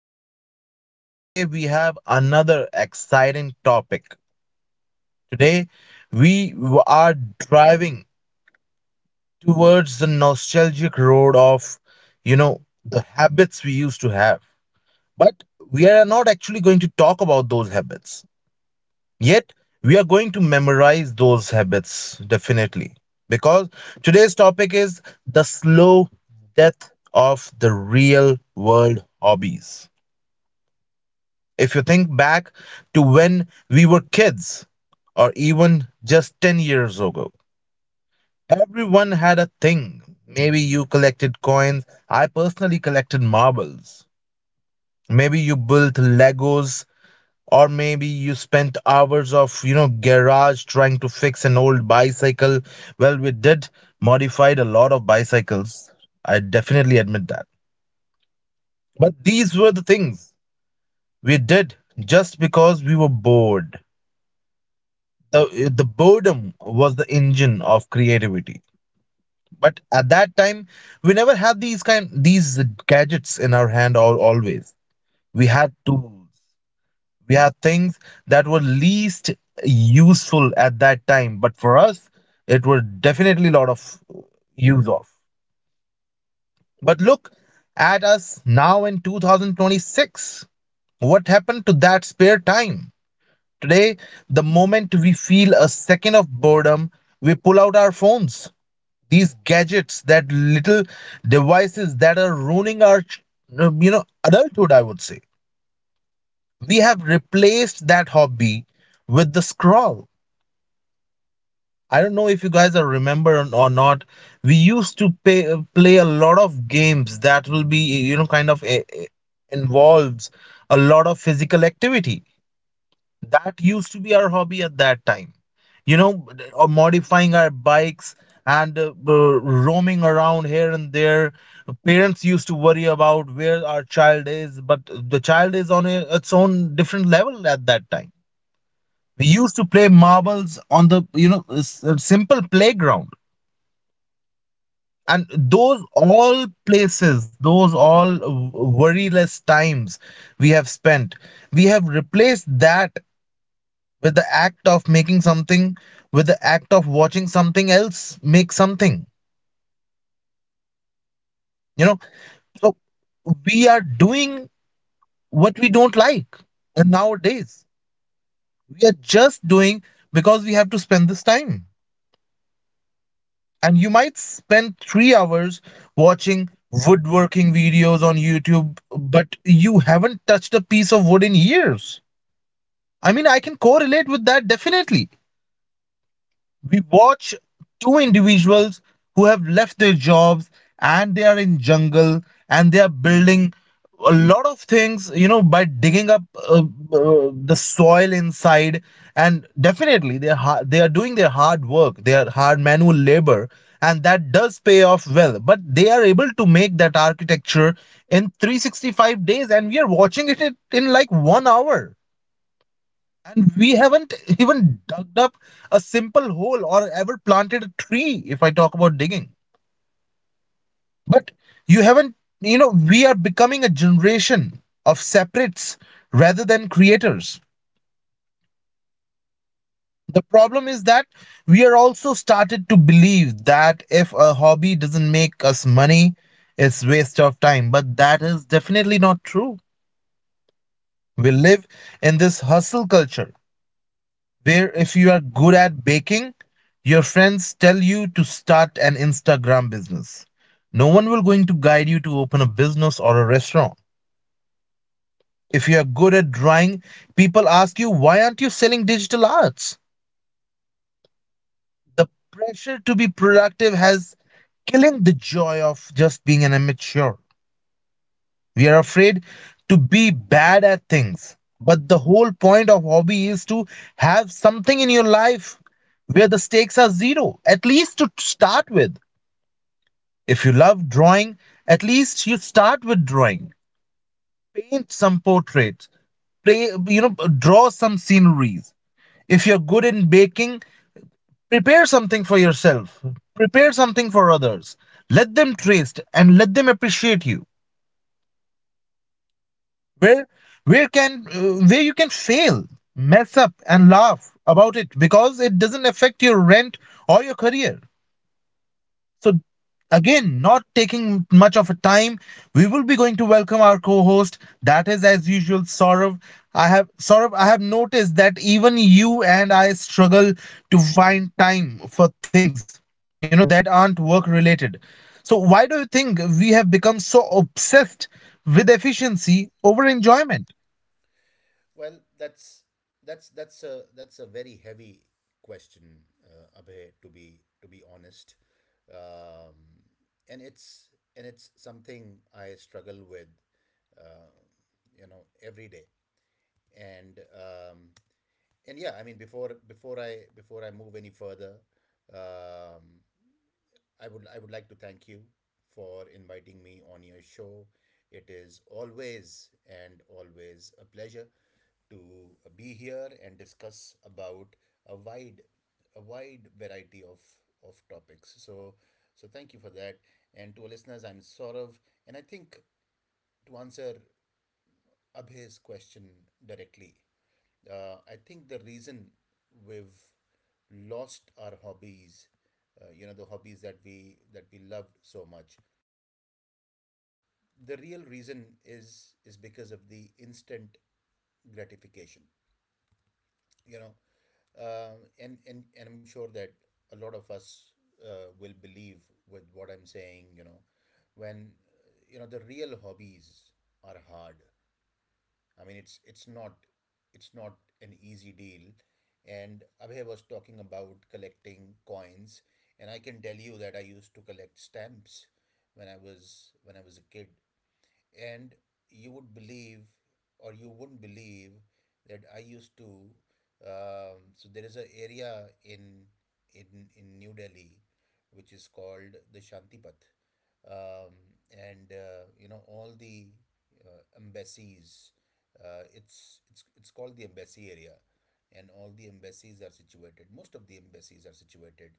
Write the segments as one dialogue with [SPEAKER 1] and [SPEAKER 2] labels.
[SPEAKER 1] your host, Abhay, and today we have another exciting topic. Today, we are driving towards the nostalgic road of, you know, the habits we used to have. But we are not actually going to talk about those habits. Yet, we are going to memorize those habits definitely because today's topic is the slow death of the real world hobbies. If you think back to when we were kids or even just 10 years ago, everyone had a thing. Maybe you collected coins. I personally collected marbles. Maybe you built Legos, or maybe you spent hours of garage trying to fix an old bicycle. Well, we did modified a lot of bicycles. I definitely admit that. But these were the things we did just because we were bored. The boredom was the engine of creativity. But at that time, we never had these gadgets in our hand always. We had tools. We had things that were least useful at that time, but for us, it were definitely a lot of use of. But look at us now in 2026. What happened to that spare time? Today, the moment we feel a second of boredom, we pull out our phones. These gadgets, that little devices that are ruining our, adulthood, I would say. We have replaced that hobby with the scroll. I don't know if you guys are remember or not. We used to play a lot of games that will be, kind of involves a lot of physical activity. That used to be our hobby at that time. You know, or modifying our bikes and roaming around here and there. Parents used to worry about where our child is, but the child is on its own different level at that time. We used to play marbles on the, simple playground, and those all places, worryless times we have spent. We have replaced that with the act of making something, with the act of watching something else make something, you know so we are doing what we don't like. And nowadays, we are just doing because we have to spend this time. And you might spend 3 hours watching woodworking videos on YouTube, but you haven't touched a piece of wood in years. I mean, I can correlate with that definitely. We watch two individuals who have left their jobs, and they are in jungle, and they are building a lot of things, by digging up uh, the soil inside. And definitely, they are doing their hard work, their hard manual labor, and that does pay off well. But they are able to make that architecture in 365 days, and we are watching it in like 1 hour. And we haven't even dug up a simple hole or ever planted a tree, if I talk about digging. But you haven't, we are becoming a generation of separates rather than creators. The problem is that we are also started to believe that if a hobby doesn't make us money, it's waste of time. But that is definitely not true. We live in this hustle culture where if you are good at baking, your friends tell you to start an Instagram business. No one will going to guide you to open a business or a restaurant. If you are good at drawing, people ask you why aren't you selling digital arts? The pressure to be productive has killing the joy of just being an amateur. We are afraid to be bad at things. But the whole point of hobby is to have something in your life where the stakes are zero, at least to start with. If you love drawing, at least you start with drawing. Paint some portraits, play, draw some sceneries. If you're good in baking, prepare something for yourself, prepare something for others. Let them taste and let them appreciate you. Where where can where you can fail, mess up, and laugh about it because it doesn't affect your rent or your career. So, again, not taking much of a time, we will be going to welcome our co-host, that is as usual, Saurav. I have Saurav, I have noticed that even you and I struggle to find time for things, that aren't work related. So why do you think we have become so obsessed with efficiency over enjoyment?
[SPEAKER 2] Well, that's a very heavy question, Abhay. To be honest, um, and it's and it's something I struggle with, uh, you know, every day. And um, and yeah, I mean, before I move any further, um, I would like to thank you for inviting me on your show. It is always and always a pleasure to be here and discuss about a wide a wide variety of topics. So thank you for that. And to our listeners, I'm Saurav, and I think to answer Abhay's question directly. I think the reason we've lost our hobbies, you know, the hobbies that we loved so much, the real reason is because of the instant gratification. You know, and I'm sure that a lot of us will believe with what I'm saying. You know, when you know the real hobbies are hard. I mean, it's not an easy deal. And Abhay was talking about collecting coins, and I can tell you that I used to collect stamps when I was a kid and you would believe or you wouldn't believe that I used to. So there is an area in in New Delhi, which is called the Shantipath, um, and you know all the embassies. It's called the embassy area, and all the embassies are situated. Most of the embassies are situated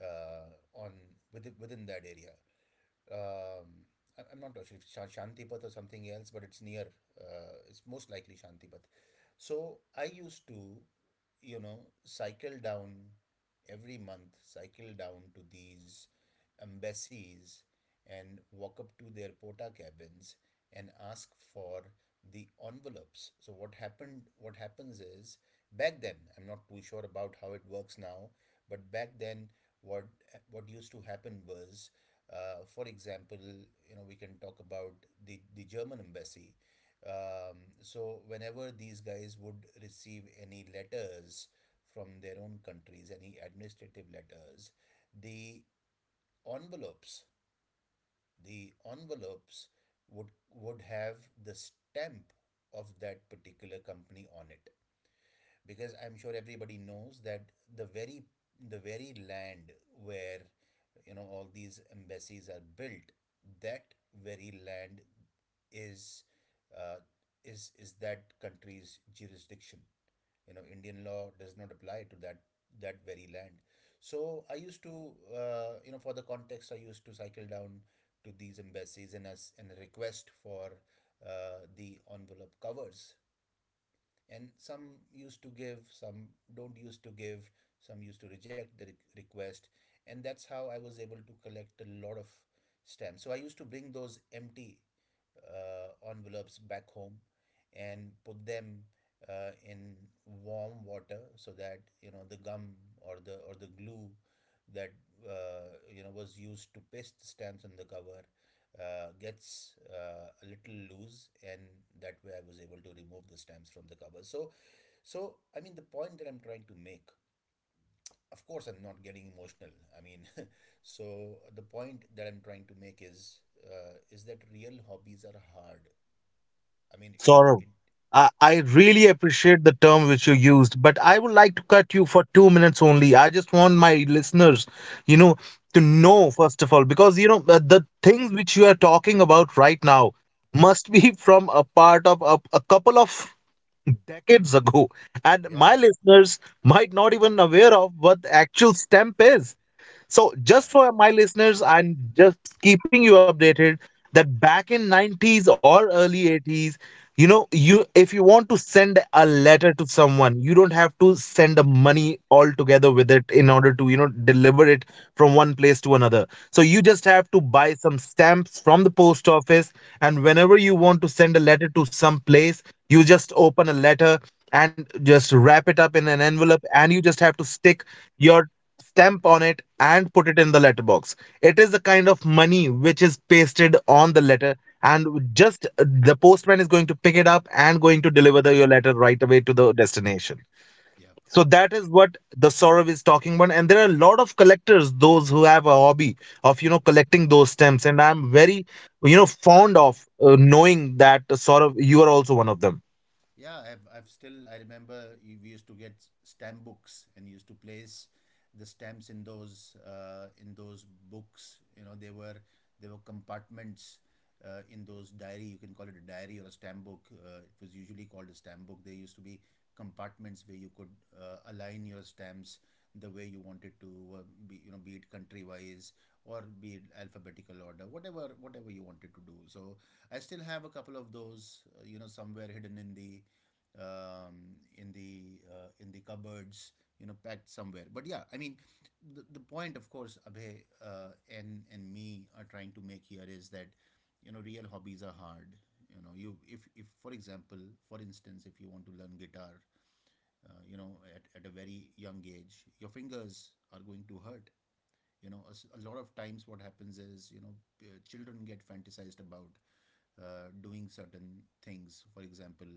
[SPEAKER 2] on within that area. Um, I- I'm not sure if Shantipat or something else, but it's near. It's most likely Shantipath. So I used to, you know, cycle down every month, cycle down to these embassies and walk up to their pota cabins and ask for the envelopes. So what happened? What happens is back then, I'm not too sure about how it works now, but back then what what used to happen was, for example, you know, we can talk about the German embassy. So, whenever these guys would receive any letters from their own countries, any administrative letters, the envelopes, the envelopes would have the stamp of that particular company on it, because I'm sure everybody knows that the very the very land where, you know, all these embassies are built, that very land is, uh, is that country's jurisdiction. You know, Indian law does not apply to that very land. So I used to, you know, for the context, I used to cycle down to these embassies and as and request for the envelope covers, and some used to give, some don't used to give, some used to reject the request, and that's how I was able to collect a lot of stamps. So I used to bring those empty envelopes back home and put them in warm water so that, you know, the gum or the glue that, you know, was used to paste the stamps on the cover, gets a little loose, and that way I was able to remove the stamps from the cover. So I mean, the point that I'm trying to make, of course, I'm not getting emotional, I mean so the point that I'm trying to make is, is that real hobbies are hard. I mean, it
[SPEAKER 1] Saurabh,
[SPEAKER 2] it
[SPEAKER 1] I really appreciate the term which you used, but I would like to cut you for 2 minutes only. I just want my listeners, you know, to know first of all, because you know the things which you are talking about right now must be from a part of a couple of decades ago, and my
[SPEAKER 2] yeah
[SPEAKER 1] listeners might not even aware of what actual stamp is. So
[SPEAKER 2] yeah yeah
[SPEAKER 1] just for my listeners, I'm just keeping you updated that back in 90s or early 80s, you know, you if you want to send a letter to someone, you don't have to send the money altogether with it in order to, deliver it from one place to another. So you just have to buy some stamps from the post office, and whenever you want to send a letter to some place, you just open a letter and just wrap it up in an envelope, and you just have to stick your stamp on it and put it in the letterbox. It is a kind of money which is pasted on the letter, and just the postman is going to pick it up and going to deliver the, your letter right away to the destination.
[SPEAKER 2] yeah.
[SPEAKER 1] So that is what the Saurav is talking about, and there are a lot of collectors, those who have a hobby of collecting those stamps, and I'm very fond of knowing that Saurav, you are also one of them.
[SPEAKER 2] Yeah, I've still, I remember we used to get stamp books and used to place the stamps in those, in those books. You know, they were compartments in those diary. You can call it a diary or a stamp book. It was usually called a stamp book. There used to be compartments where you could align your stamps the way you wanted to, be, you know, be it country wise or be it alphabetical order, whatever whatever you wanted to do. So I still have a couple of those, you know, somewhere hidden in the, in the, in the cupboards, you know, packed somewhere. But yeah, I mean, the point, of course, Abhay and me are trying to make here is that, you know, real hobbies are hard. You know, you if for example, for instance, if you want to learn guitar, you know, at a very young age, your fingers are going to hurt. You know, a lot of times what happens is, you know, children get fantasized about doing certain things. For example,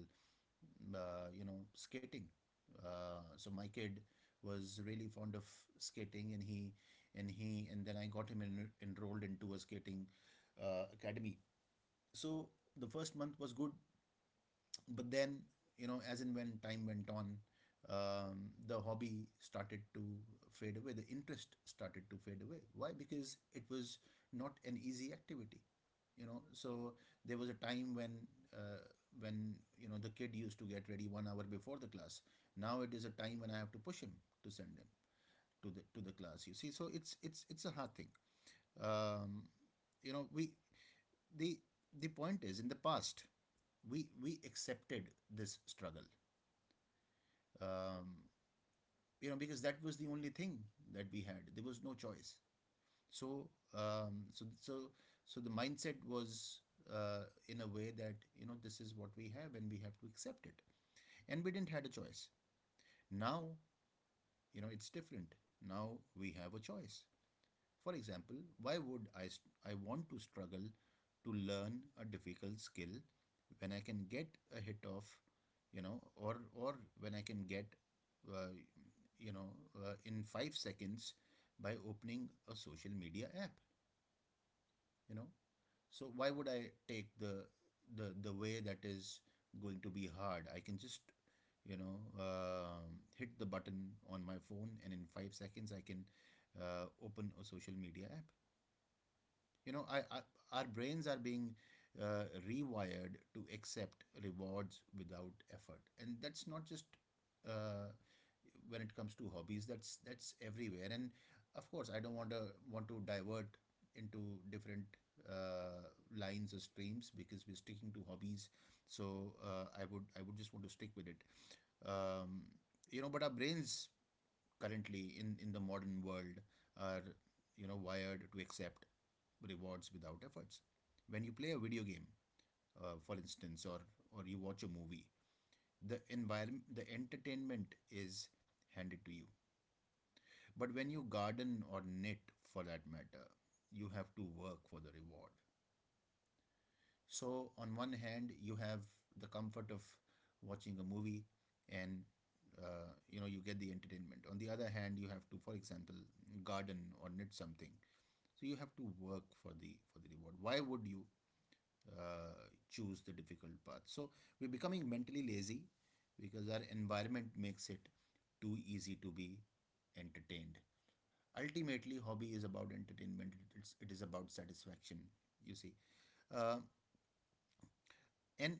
[SPEAKER 2] you know, skating. So my kid was really fond of skating and he and he and then I got him enrolled into a skating academy. So the first month was good, but then, you know, as and when time went on, the hobby started to fade away, the interest started to fade away. Why? Because it was not an easy activity, you know. So there was a time when, uh, you know, the kid used to get ready 1 hour before the class. Now it is a time when I have to push him to send him to the class, you see. So it's a hard thing. um, you know, we, the the point is, in the past we accepted this struggle, um, you know, because that was the only thing that we had, there was no choice. So um, so so so the mindset was, in a way that, you know, this is what we have and we have to accept it, and we didn't had a choice. Now, you know, it's different. Now we have a choice. For example, why would I want to struggle to learn a difficult skill when I can get a hit of, you know, or when I can get, uh, you know, in 5 seconds by opening a social media app, you know. So why would I take the way that is going to be hard? I can just, you know, hit the button on my phone, and in 5 seconds I can open a social media app, you know. Our brains are being rewired to accept rewards without effort, and that's not just uh, when it comes to hobbies. That's everywhere. And of course, I don't want to divert into different uh, lines or streams, because we're sticking to hobbies. So I would just want to stick with it. Um, you know, but our brains currently in the modern world are, you know, wired to accept rewards without efforts. When you play a video game, for instance, or you watch a movie, the environment, the entertainment is handed to you. But when you garden or knit, for that matter, you have to work for the reward. So on one hand, you have the comfort of watching a movie, and, you know, you get the entertainment. On the other hand, you have to, for example, garden or knit something. So you have to work for the reward. Why would you choose the difficult path? So we're becoming mentally lazy because our environment makes it too easy to be entertained. Ultimately, hobby is about entertainment. It is about satisfaction. You see, uh, and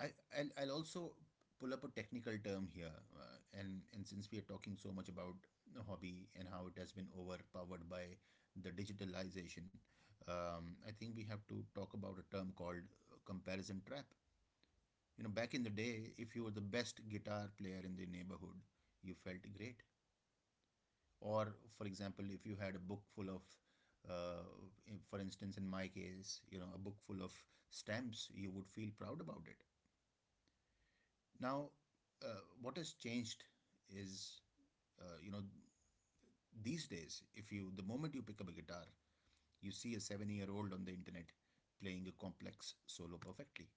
[SPEAKER 2] I I'll also pull up a technical term here, and since we are talking so much about hobby and how it has been overpowered by the digitalization, I think we have to talk about a term called comparison trap. You know, back in the day, if you were the best guitar player in the neighborhood, you felt great. Or, for example, if you had a book full of, uh, for instance, in my case, you know, a book full of stamps, you would feel proud about it. Now, what has changed is, you know, these days, if you, the moment you pick up a guitar, you see a 7 year old on the internet playing a complex solo perfectly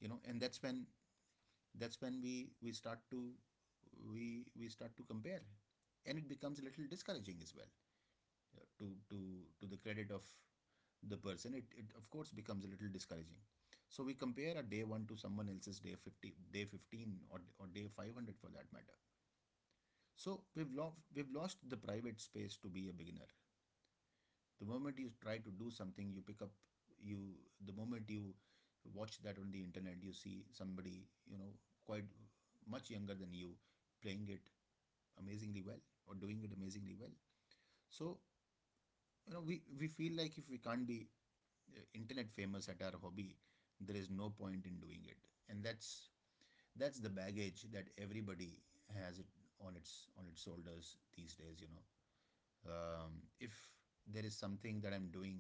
[SPEAKER 2] you know And that's when we start to we start to compare, and it becomes a little discouraging as well. uh, to to to the credit of the person, it of course becomes a little discouraging. So we compare a day 1 to someone else's day 50, day 15, or day 500 for that matter. So we've lost the private space to be a beginner. The moment you try to do something, you pick up you the moment you watch that on the internet, you see somebody, you know, quite much younger than you, playing it amazingly well or doing it amazingly well. So, you know, we feel like if we can't be internet famous at our hobby, there is no point in doing it. And that's that's the baggage that everybody has it on its shoulders these days. If there is something that I'm doing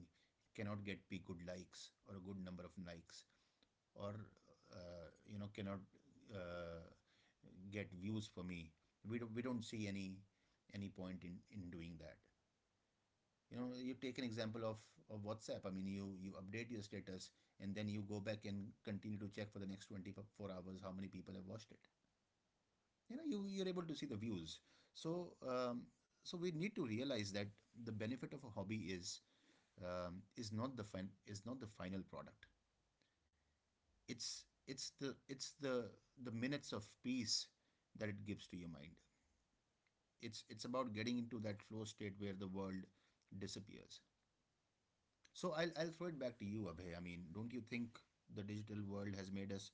[SPEAKER 2] cannot get p good likes or a good number of likes, or cannot uh, get views for me, we don't see any point in doing that. You know, you take an example of WhatsApp. I mean, you update your status and then you go back and continue to check for the next 24 hours how many people have watched it. You know, you're able to see the views. So um, so we need to realize that the benefit of a hobby is, is not the is not the final product. It's the minutes of peace that it gives to your mind. It's about getting into that flow state where the world disappears. So I'll throw it back to you, Abhay. I mean, don't you think the digital world has made us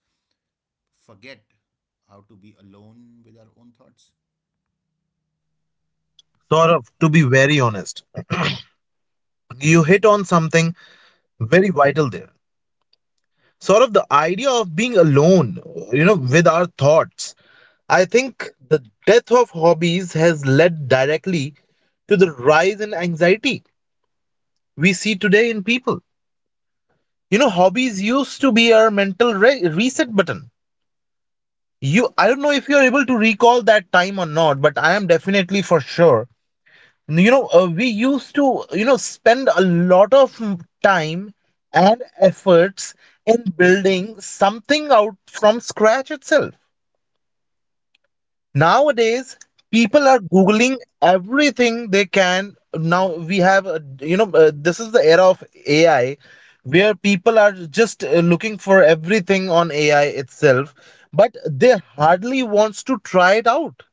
[SPEAKER 2] forget how to be alone with our own thoughts?
[SPEAKER 1] Saurav, to be very honest, you hit on something very vital there. Sort of the idea of being alone, with our thoughts. I think the death of hobbies has led directly to the rise in anxiety we see today in people. You know, hobbies used to be our mental reset button. You, I don't know if you're able to recall that time or not, but I am definitely for sure. We used to, spend a lot of time and efforts in building something out from scratch itself. Nowadays,
[SPEAKER 2] Yeah.
[SPEAKER 1] people are googling everything they can. Now we have this is the era of AI, where people are just looking for everything on AI itself, but they hardly wants to try it out.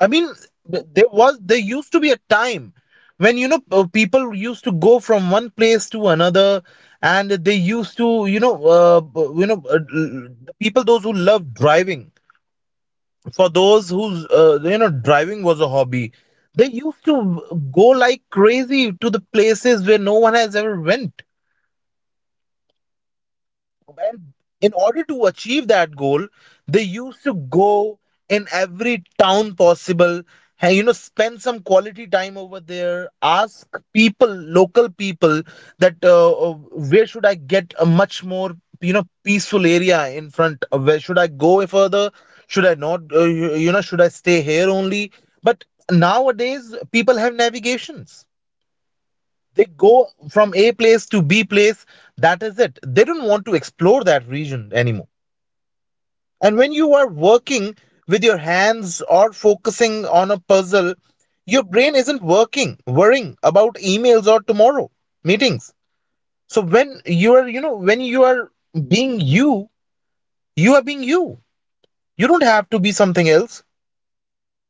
[SPEAKER 1] I mean, there used to be a time when people used to go from one place to another, and they used to you know b- you know l- l- the people those who love driving, for those whose driving was a hobby, they used to go like crazy to the places where no one has ever went. And in order to achieve that goal, they used to go in every town possible, and spend some quality time over there, ask people, local people, that where should I get a much more, peaceful area in front? Where should I go further? Should I not, should I stay here only? But nowadays, people have navigations. They go from a place to b place, that is it. They don't want to explore that region anymore. And when you are working with your hands or focusing on a puzzle, your brain isn't working worrying about emails or tomorrow meetings. So when you are, when you are being you, you are being you, you don't have to be something else.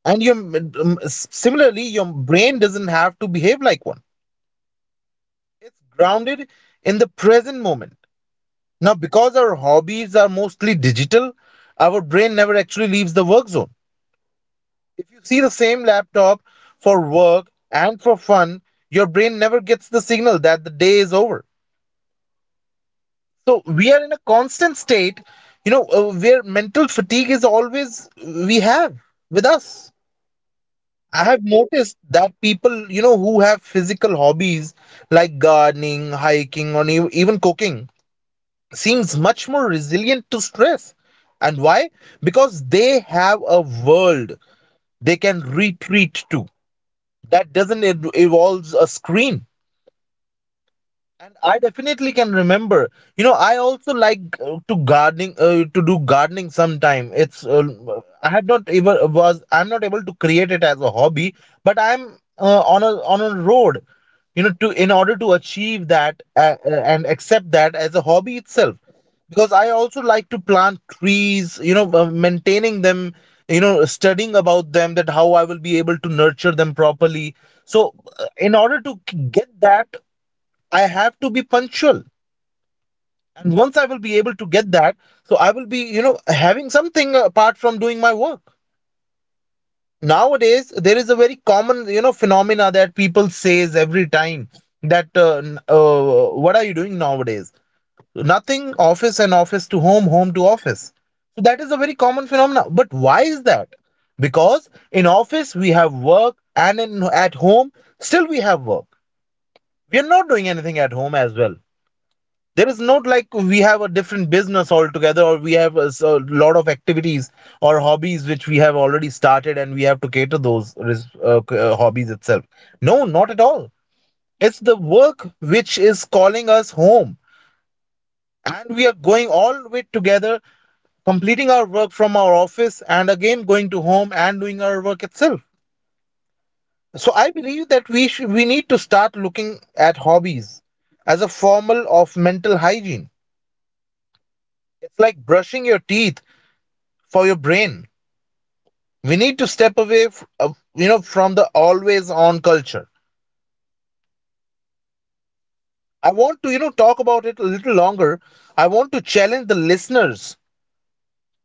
[SPEAKER 1] And your similarly, your brain doesn't have to behave like one. It's grounded in the present moment. Now, because our hobbies are mostly digital, our brain never actually leaves the work zone. If you see the same laptop for work and for fun, your brain never gets the signal that the day is over. So, we are in a constant state, where mental fatigue is always we have with us. I have noticed that people, who have physical hobbies like gardening, hiking, or even cooking seems much more resilient to stress. And why? Because they have a world they can retreat to that doesn't involve a screen. And I definitely can remember. You know, I also like to gardening to do gardening sometime. It's I'm not able to create it as a hobby, but I'm on a road, you know, to in order to achieve that and accept that as a hobby itself. Because I also like to plant trees, maintaining them, you know, studying about them, that how I will be able to nurture them properly. So, in order to get that I have to be punctual. And once I will be able to get that, so I will be, having something apart from doing my work. Nowadays, there is a very common, phenomena that people says every time that what are you doing nowadays? Nothing, office and office to home, home to office. So that is a very common phenomena. But why is that? Because in office we have work and at home still we have work. We are not doing anything at home as well. There is not like we have a different business altogether or we have a lot of activities or hobbies which we have already started and we have to cater those hobbies itself. No, not at all. It's the work which is calling us home, and we are going all the way together, completing our work from our office and again going to home and doing our work itself. So I believe that we need to start looking at hobbies as a formal of mental hygiene. It's like brushing your teeth for your brain. We need to step away, from the always on culture. I want to, talk about it a little longer. I want to challenge the listeners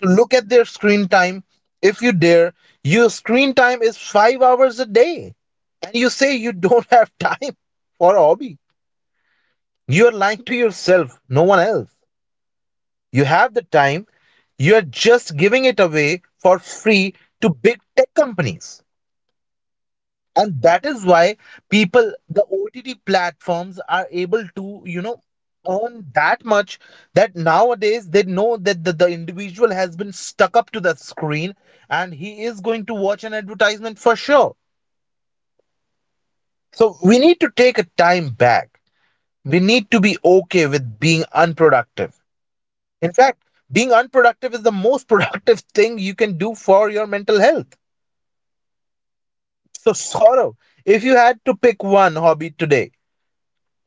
[SPEAKER 1] to look at their screen time. If you dare, your screen time is 5 hours a day, and you say you don't have time for a hobby. You are lying to yourself, no one else. You have the time, you are just giving it away for free to big tech companies. And that is why people the OTT platforms are able to, you know, earn that much, that nowadays they know that the individual has been stuck up to the screen and he is going to watch an advertisement for sure. So we need to take a time back. We need to be okay with being unproductive. In fact, being unproductive is the most productive thing you can do for your mental health. So Sorrow, if you had to pick one hobby today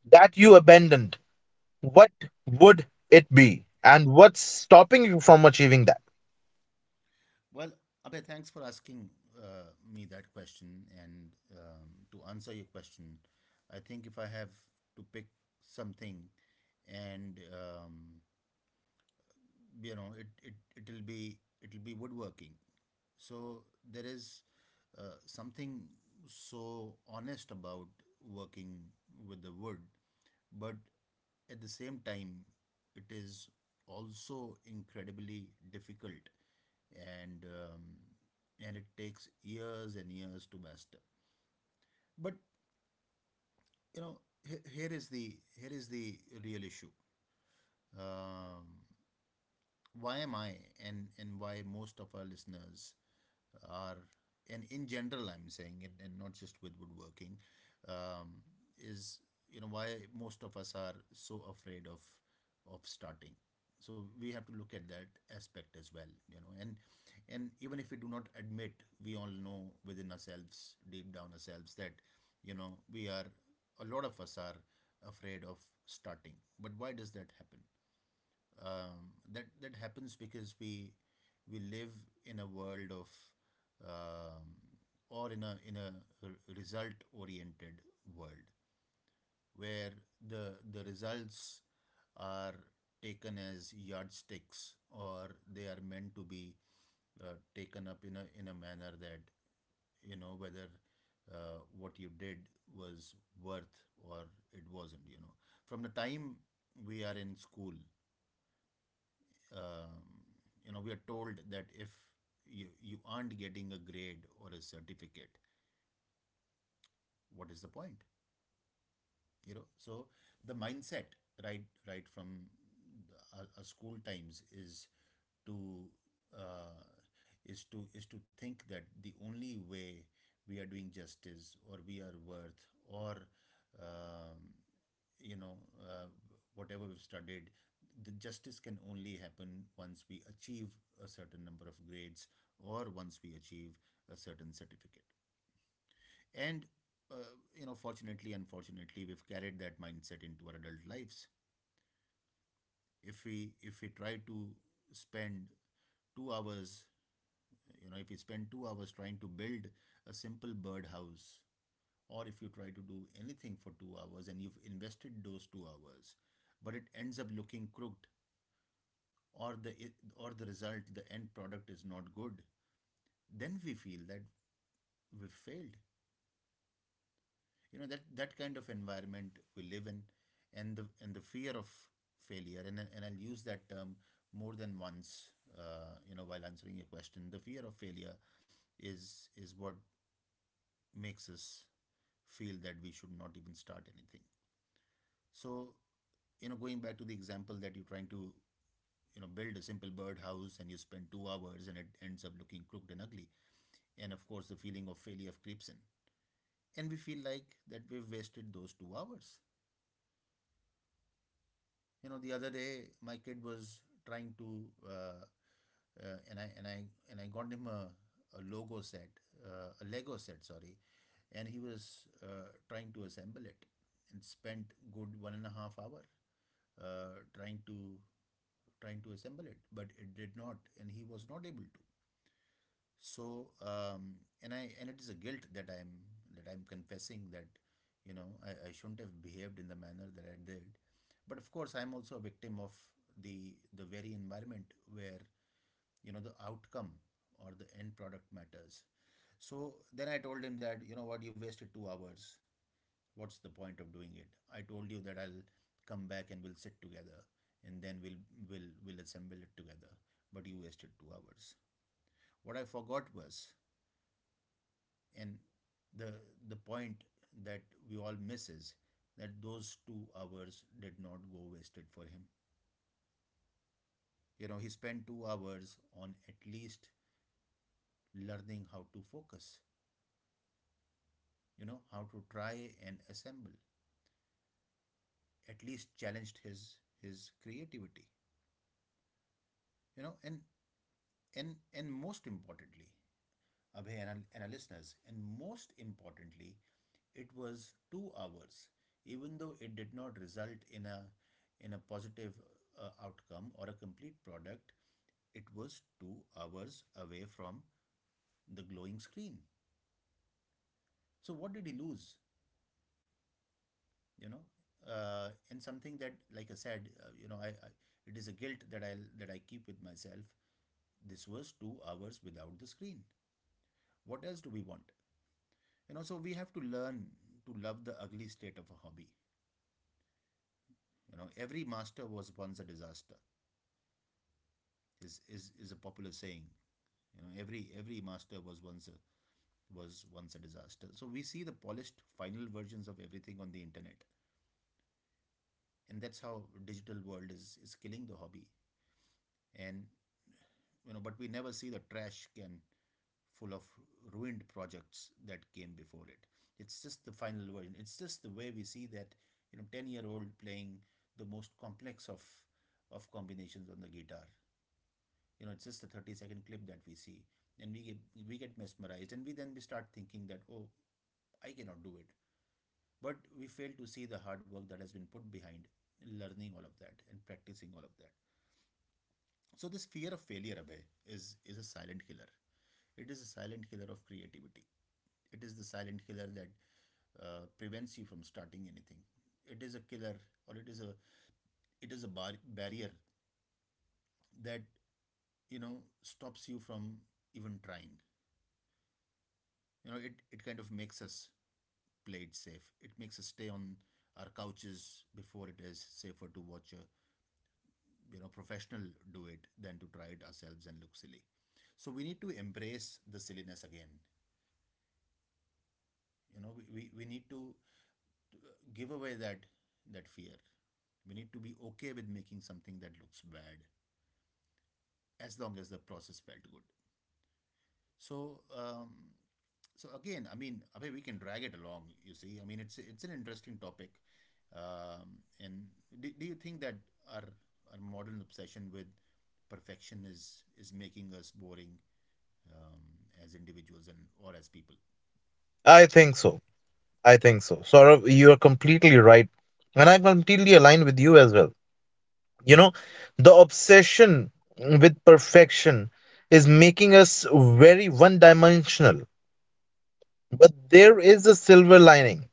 [SPEAKER 1] that you abandoned, what would it be, and what's stopping you from achieving that?
[SPEAKER 2] Well, Abhay, thanks for asking me that question. And to answer your question, I think if I have to pick something, and you know, it'll be woodworking. So there is something so honest about working with the wood, but at the same time, it is also incredibly difficult, and um, and it takes years and years to master. But you know, here is the real issue. Um, why am I, and why most of our listeners are, and in general I'm saying it, and not just with woodworking, um, is, you know, why most of us are so afraid of starting. So we have to look at that aspect as well, you know. And even if we do not admit, we all know within ourselves, deep down ourselves, that, you know, we are, a lot of us are afraid of starting. But why does that happen? That happens because we live in a world of, um, or in a result oriented world where the results are taken as yardsticks, or they are meant to be taken up in a manner that, you know, whether what you did was worth or it wasn't. You know, from the time we are in school, um, you know, we are told that if you aren't getting a grade or a certificate, what is the point? You know, so the mindset right right from our school times is to uh, is to is to think that the only way we are doing justice, or we are worth, or um, you know uh, whatever we've studied, the justice can only happen once we achieve a certain number of grades, or once we achieve a certain certificate. And uh, you know, fortunately unfortunately, we've carried that mindset into our adult lives. If we try to spend 2 hours, you know, if you spend 2 hours trying to build a simple birdhouse, or if you try to do anything for 2 hours and you've invested those 2 hours, but it ends up looking crooked, or the or the result the end product is not good, then we feel that we've failed. You know, that that kind of environment we live in. And the and the fear of failure, and I'll use that term more than once, you know, while answering your question, the fear of failure is what makes us feel that we should not even start anything. So, you know, going back to the example that you're trying to, you know, build a simple birdhouse and you spend 2 hours and it ends up looking crooked and ugly. And of course, the feeling of failure creeps in. And we feel like that we've wasted those 2 hours. You know, the other day my kid was trying to uh, and I and I and I got him a logo set, a Lego set, sorry. And he was trying to assemble it and spent good 1.5 hours uh, trying to trying to assemble it, but it did not and he was not able to. So and I and it is a guilt that I'm that I'm confessing, that, you know, I shouldn't have behaved in the manner that I did. But of course I'm also a victim of the very environment where, you know, the outcome or the end product matters. So then I told him that, you know what, you wasted 2 hours, what's the point of doing it? I told you that I'll come back and we'll sit together, and then we'll assemble it together, but you wasted 2 hours. What I forgot was, and the the point that we all miss is that those 2 hours did not go wasted for him. You know, he spent 2 hours on at least learning how to focus, you know, how to try and assemble, at least challenged his creativity. You know, and most importantly, Abhay, and our listeners. And most importantly, it was 2 hours, even though it did not result in a positive outcome or a complete product. It was 2 hours away from the glowing screen. So what did he lose? You know, and something that, like I said, I, it is a guilt that I keep with myself. This was 2 hours without the screen. What else do we want? You know, so we have to learn to love the ugly state of a hobby. You know, every master was once a disaster. Is a popular saying. You know, every master was once a disaster. So we see the polished final versions of everything on the internet, and that's how digital world is killing the hobby. And you know, but we never see the trash can full of ruined projects that came before it. It's just the final version. It's just the way we see that, you know, 10-year-old playing the most complex of combinations on the guitar. You know, it's just a 30-second clip that we see, and we get mesmerized, and we then we start thinking that, oh, I cannot do it. But we fail to see the hard work that has been put behind learning all of that and practicing all of that. So this fear of failure, Abhay, is a silent killer. It is a silent killer of creativity. It is the silent killer that prevents you from starting anything. It is a killer, or it is a barrier that, you know, stops you from even trying. You know, it kind of makes us play it safe. It makes us stay on our couches before it is safer to watch a, you know, professional do it than to try it ourselves and look silly. So we need to embrace the silliness again. You know, we need to give away that that fear. We need to be okay with making something that looks bad, as long as the process felt good. So, so again, I mean, Abhay, we can drag it along. You see, I mean, it's an interesting topic. And do you think that our our modern obsession with perfection is making us boring, um, as individuals and or as people?
[SPEAKER 1] I think so. I think so, Saurav, you are completely right, and I completely align with you as well. You know, the obsession with perfection is making us very one dimensional. But there is a silver lining.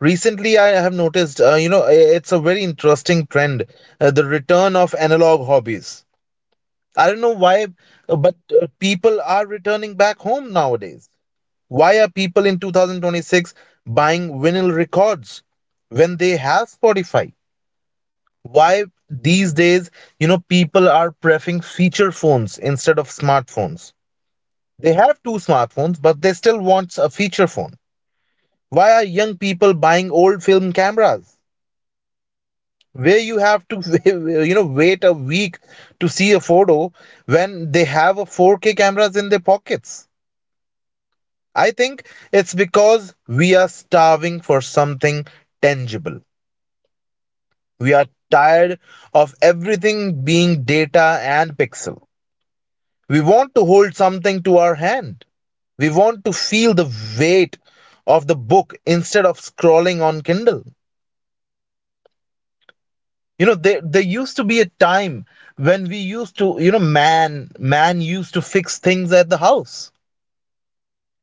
[SPEAKER 1] Recently I have noticed, you know, it's a very interesting trend, the return of analog hobbies. I don't know why, but people are returning back home nowadays. Why are people in 2026 buying vinyl records when they have Spotify? Why these days, you know, people are preferring feature phones instead of smartphones? They have two smartphones, but they still want a feature phone. Why are young people buying old film cameras? Where you have to, you know, wait a week to see a photo when they have a 4K cameras in their pockets? I think it's because we are starving for something tangible. We are tired of everything being data and pixel. We want to hold something to our hand. We want to feel the weight of the book instead of scrolling on Kindle. You know, there used to be a time when we used to, you know, man used to fix things at the house.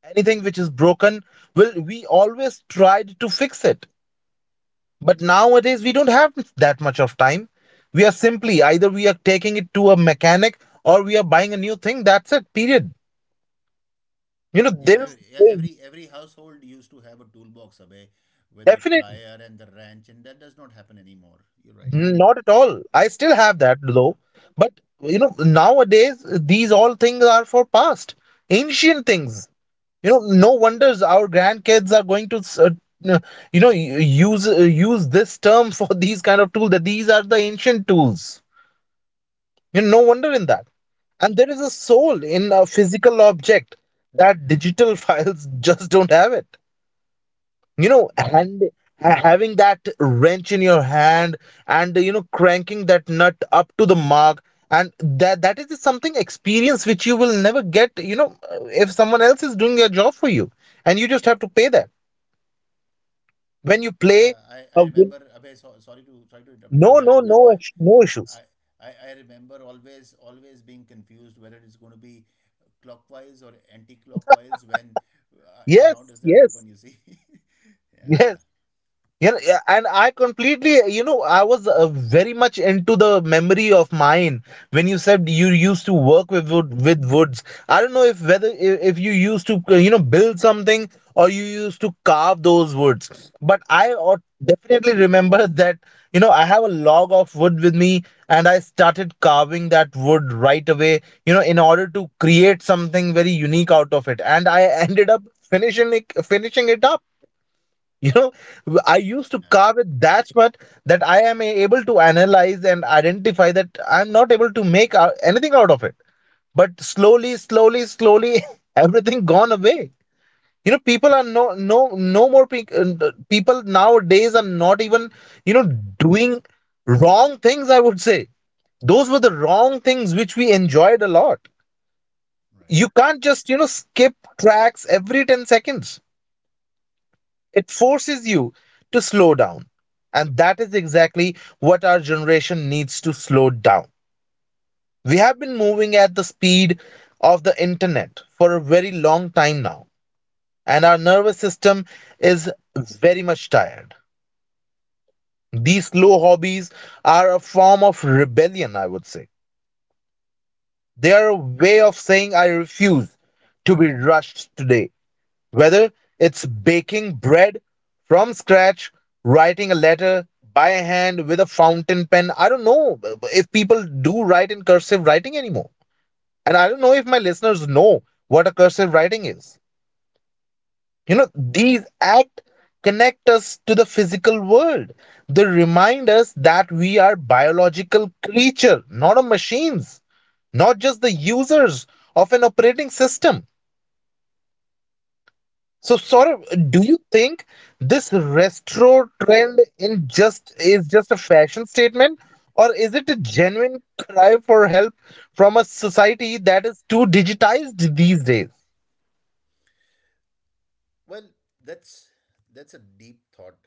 [SPEAKER 1] Anything which is broken, well, we always tried to fix it. But nowadays, we don't have that much of time. We are simply either we are taking it to a mechanic or we are buying a new thing. That's it, period. You know, there, is,
[SPEAKER 2] Yeah,
[SPEAKER 1] there is
[SPEAKER 2] every household used to have a toolbox away with the
[SPEAKER 1] Definitely
[SPEAKER 2] plier and the wrench, and that does not happen anymore. You're right.
[SPEAKER 1] not at all. I still have that though. But, you know, nowadays, these all things are for past, ancient things. You know, no wonders our grandkids are going to, n- you know, use this term for these kind of tools. That these are the ancient tools. You know, no wonder in that. And there is a soul in a physical object that digital files just don't have it. You know,
[SPEAKER 2] Yeah,
[SPEAKER 1] and having that wrench in your hand and, you know, cranking that nut up to the mark, and that that is something experience which you will never get, you know, if someone else is doing their job for you and you just have to pay that when you play.
[SPEAKER 2] yeah.
[SPEAKER 1] a
[SPEAKER 2] I
[SPEAKER 1] win-
[SPEAKER 2] remember. Abhay, so, sorry to sorry to interrupt
[SPEAKER 1] no,
[SPEAKER 2] you here.
[SPEAKER 1] no,
[SPEAKER 2] I
[SPEAKER 1] no,
[SPEAKER 2] remember.
[SPEAKER 1] no issues.
[SPEAKER 2] I remember always always being confused whether it's going to be clockwise or anti-clockwise when and
[SPEAKER 1] Yes,
[SPEAKER 2] how does that
[SPEAKER 1] yes.
[SPEAKER 2] open? You see.
[SPEAKER 1] Yes.
[SPEAKER 2] Yeah.
[SPEAKER 1] Yeah, yeah, and I completely, you know, I was very much into the memory of mine when you said you used to work with wood, with woods. I don't know if whether I- if you used to, you know, build something or you used to carve those woods. But I, definitely remember that, you know, I have a log of wood with me, and I started carving that wood right away, you know, in order to create something very unique out of it. And I ended up finishing it up. You know, I used to
[SPEAKER 2] Yeah.
[SPEAKER 1] carve it that much that I am able to analyze and identify that I'm not able to make anything out of it. But slowly, slowly, slowly, everything gone away. You know, people are no more people nowadays are not even, you know, doing wrong things. I would say those were the wrong things which we enjoyed a lot.
[SPEAKER 2] Right.
[SPEAKER 1] You can't just, you know, skip tracks every 10 seconds. It forces you to slow down. And that is exactly what our generation needs to slow down. We have been moving at the speed of the internet for a very long time now, and our nervous system is very much tired. These slow hobbies are a form of rebellion, I would say. They are a way of saying, I refuse to be rushed today. Whether it's baking bread from scratch, writing a letter by hand with a fountain pen, I don't know if people do write in cursive writing anymore. And I don't know if my listeners know what a cursive writing is. You know, these acts connect us to the physical world. They remind us that we are biological creature, not a machines, not just the users of an operating system. So, Saurabh, do you think this retro trend in just is just a fashion statement, or is it a genuine cry for help from a society that is too digitized these days?
[SPEAKER 2] Well, that's that's a deep thought,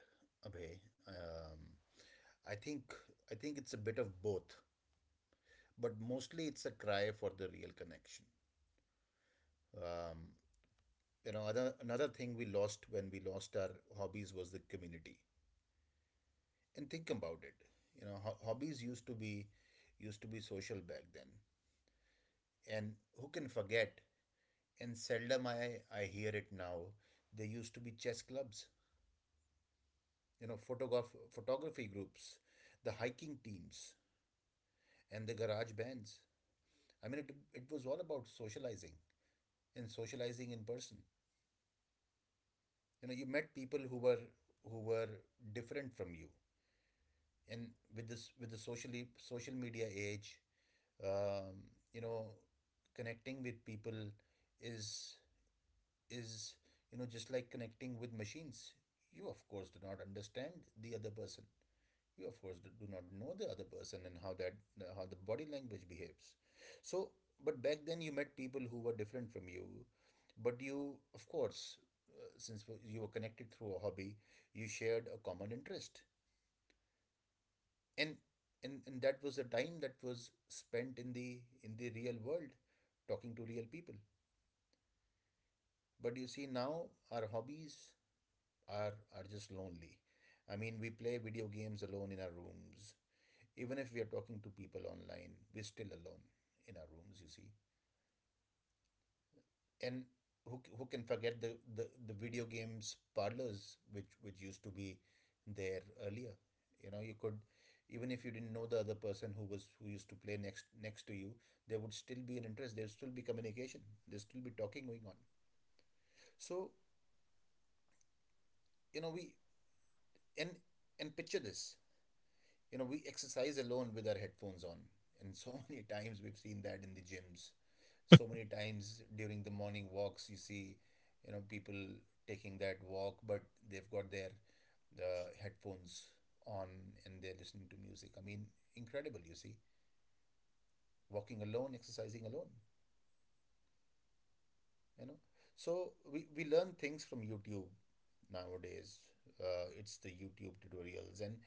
[SPEAKER 2] Abhay. I think I think it's a bit of both, but mostly it's a cry for the real connection. Um, you know, another thing we lost when we lost our hobbies was the community. And think about it. You know, hobbies used to be social back then, and who can forget? And seldom I hear it now. There used to be chess clubs, you know, photography groups, the hiking teams, and the garage bands. I mean, it was all about socializing and socializing in person. You know, you met people who were different from you, and with the social media age, um, you know, connecting with people is is just like connecting with machines. You of course do not understand the other person, you of course do not know the other person and how the body language behaves, so. But back then you met people who were different from you, but you of course, since you were connected through a hobby, you shared a common interest, and that was a time that was spent in the real world, talking to real people. But you see, now our hobbies are are just lonely. I mean, we play video games alone in our rooms. Even if we are talking to people online, we're still alone in our rooms, you see. And who can forget the video games parlors, which used to be there earlier? You know, you could, even if you didn't know the other person who used to play next to you, there would still be an interest, there would still be communication, there would still be talking going on. So, you know, we and picture this. You know, we exercise alone with our headphones on, and so many times we've seen that in the gyms. So many times during the morning walks, you see, you know, people taking that walk, but they've got the headphones on, and they're listening to music. I mean, incredible, you see. Walking alone, exercising alone, you know. So we learn things from youtube nowadays. It's the youtube tutorials, and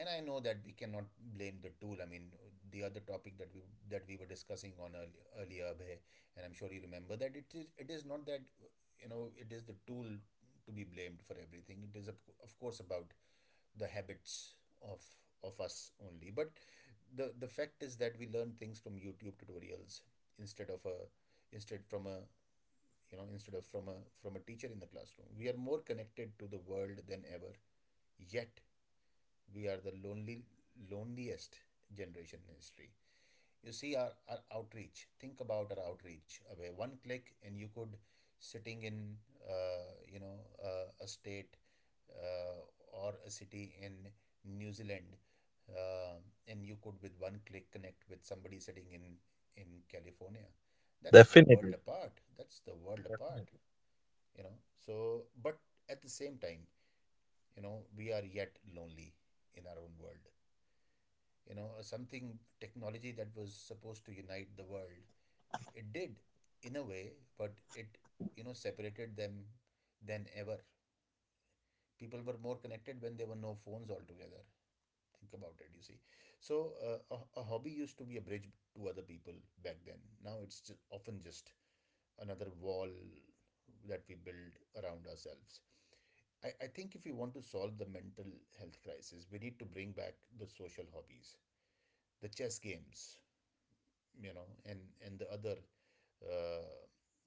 [SPEAKER 2] I know that we cannot blame the tool. I mean, the other topic that we were discussing on earlier, earlier, Abhay, and I'm sure you remember, that it is not that, you know, it is the tool to be blamed for everything. It is of course about the habits of of us only. But the fact is that we learn things from youtube tutorials instead of a instead from a you know instead of from a from a teacher in the classroom. We are more connected to the world than ever, yet we are the lonely loneliest generation in history. You see, our outreach, think about our outreach. Away, one click and you could, sitting in, uh, you know a state, or a city in new zealand, uh, and you could, with one click, connect with somebody sitting in california. That's the world
[SPEAKER 1] Definitely.
[SPEAKER 2] apart, that's the world apart. You know, so, but at the same time, you know, we are yet lonely in our own world. You know something, technology that was supposed to unite the world, it did, in a way, but it, you know, separated them than ever. People were more connected when there were no phones altogether. Think about it, you see. So, a hobby used to be a bridge to other people back then. Now it's just often just another wall that we build around ourselves. I think if we want to solve the mental health crisis, we need to bring back the social hobbies, the chess games, you know, and the other, uh,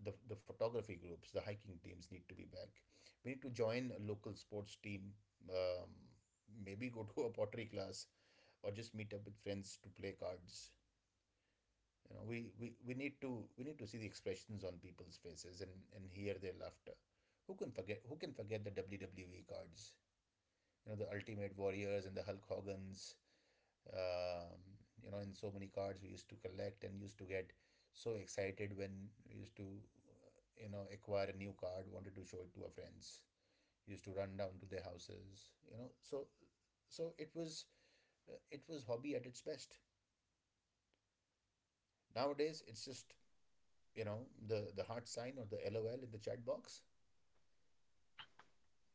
[SPEAKER 2] the photography groups, the hiking teams need to be back. We need to join a local sports team, um, maybe go to a pottery class or just meet up with friends to play cards. You know, we need to see the expressions on people's faces and hear their laughter. Who can forget the WWE cards? You know, the Ultimate Warriors and the Hulk Hogan's. Um, you know, in so many cards we used to collect and used to get so excited when we used to, acquire a new card, wanted to show it to our friends, used to run down to their houses, you know. So it was, it was hobby at its best. Nowadays it's just, you know, the heart sign or the LOL in the chat box.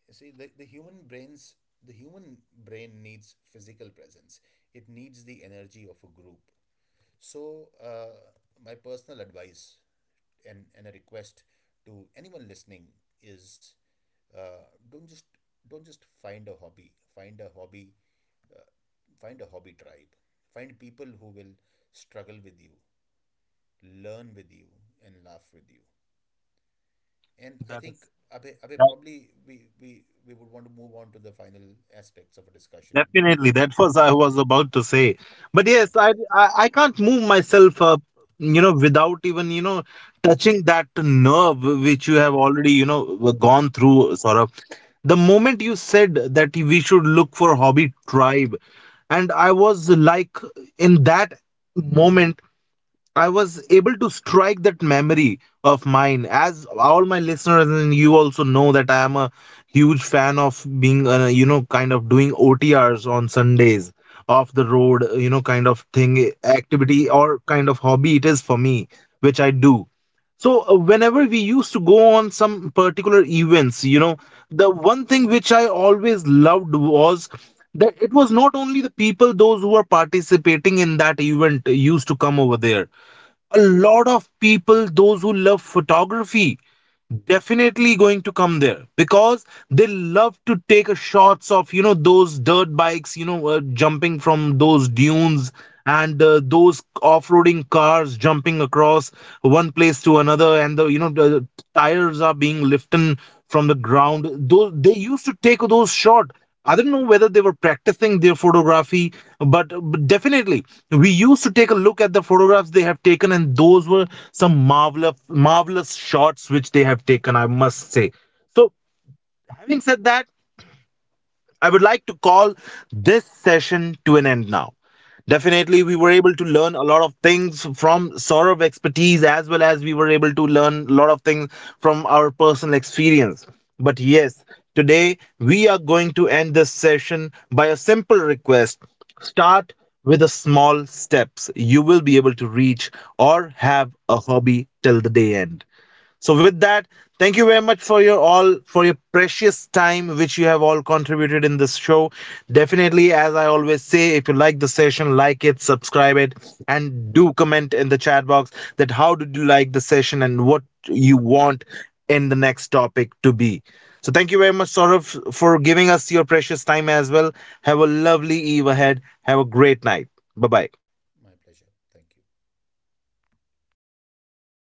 [SPEAKER 2] You see, the human brains the human brain needs physical presence. It needs the energy of a group. So, my personal advice and a request to anyone listening is, uh, don't just don't just find a hobby. Find a hobby. Uh, Find a hobby tribe. Find people who will struggle with you, learn with you, and laugh with you. And I
[SPEAKER 1] That
[SPEAKER 2] think
[SPEAKER 1] is
[SPEAKER 2] Abhay, Abhay
[SPEAKER 1] that,
[SPEAKER 2] probably we would want to move on to the final aspects of a discussion.
[SPEAKER 1] definitely that was I was about to say. But
[SPEAKER 2] Yeah,
[SPEAKER 1] yes, I can't move myself up, you know, without even, you know, touching that nerve which you have already, you know, gone through, sort of. The moment you said that we should look for hobby tribe, and I was like, in that moment I was able to strike that memory of mine. As all my listeners and you also know that I am a huge fan of being, you know, kind of doing OTRs on Sundays off the road, you know, kind of thing, activity or kind of hobby it is for me, which I do. So, whenever we used to go on some particular events, you know, the one thing which I always loved was that it was not only the people, those who were participating in that event used to come over there. A lot of people those who love photography definitely going to come there because they love to take a shots of, you know, those dirt bikes, you know, jumping from those dunes, and those off-roading cars jumping across one place to another, and the, you know, the tires are being lifted from the ground, those they used to take those shot. I don't know whether they were practicing their photography, but definitely we used to take a look at the photographs they have taken, and those were some marvelous, marvelous shots which they have taken, I must say. So, having said that, I would like to call this session to an end now. Definitely, we were able to learn a lot of things from Saurav's expertise, as well as we were able to learn a lot of things from our personal experience. But yes, today we are going to end this session by a simple request. Start with the small steps. You will be able to reach or have a hobby till the day end. So with that, thank you very much for your all for your precious time which you have all contributed in this show. Definitely, as I always say, if you like the session, like it, subscribe it, and do comment in the chat box that how did you like the session and what you want in the next topic to be. So thank you very much, Saurav, for giving us your precious time as well. Have a lovely eve ahead. Have a great night. Bye bye.
[SPEAKER 2] my pleasure. Thank you.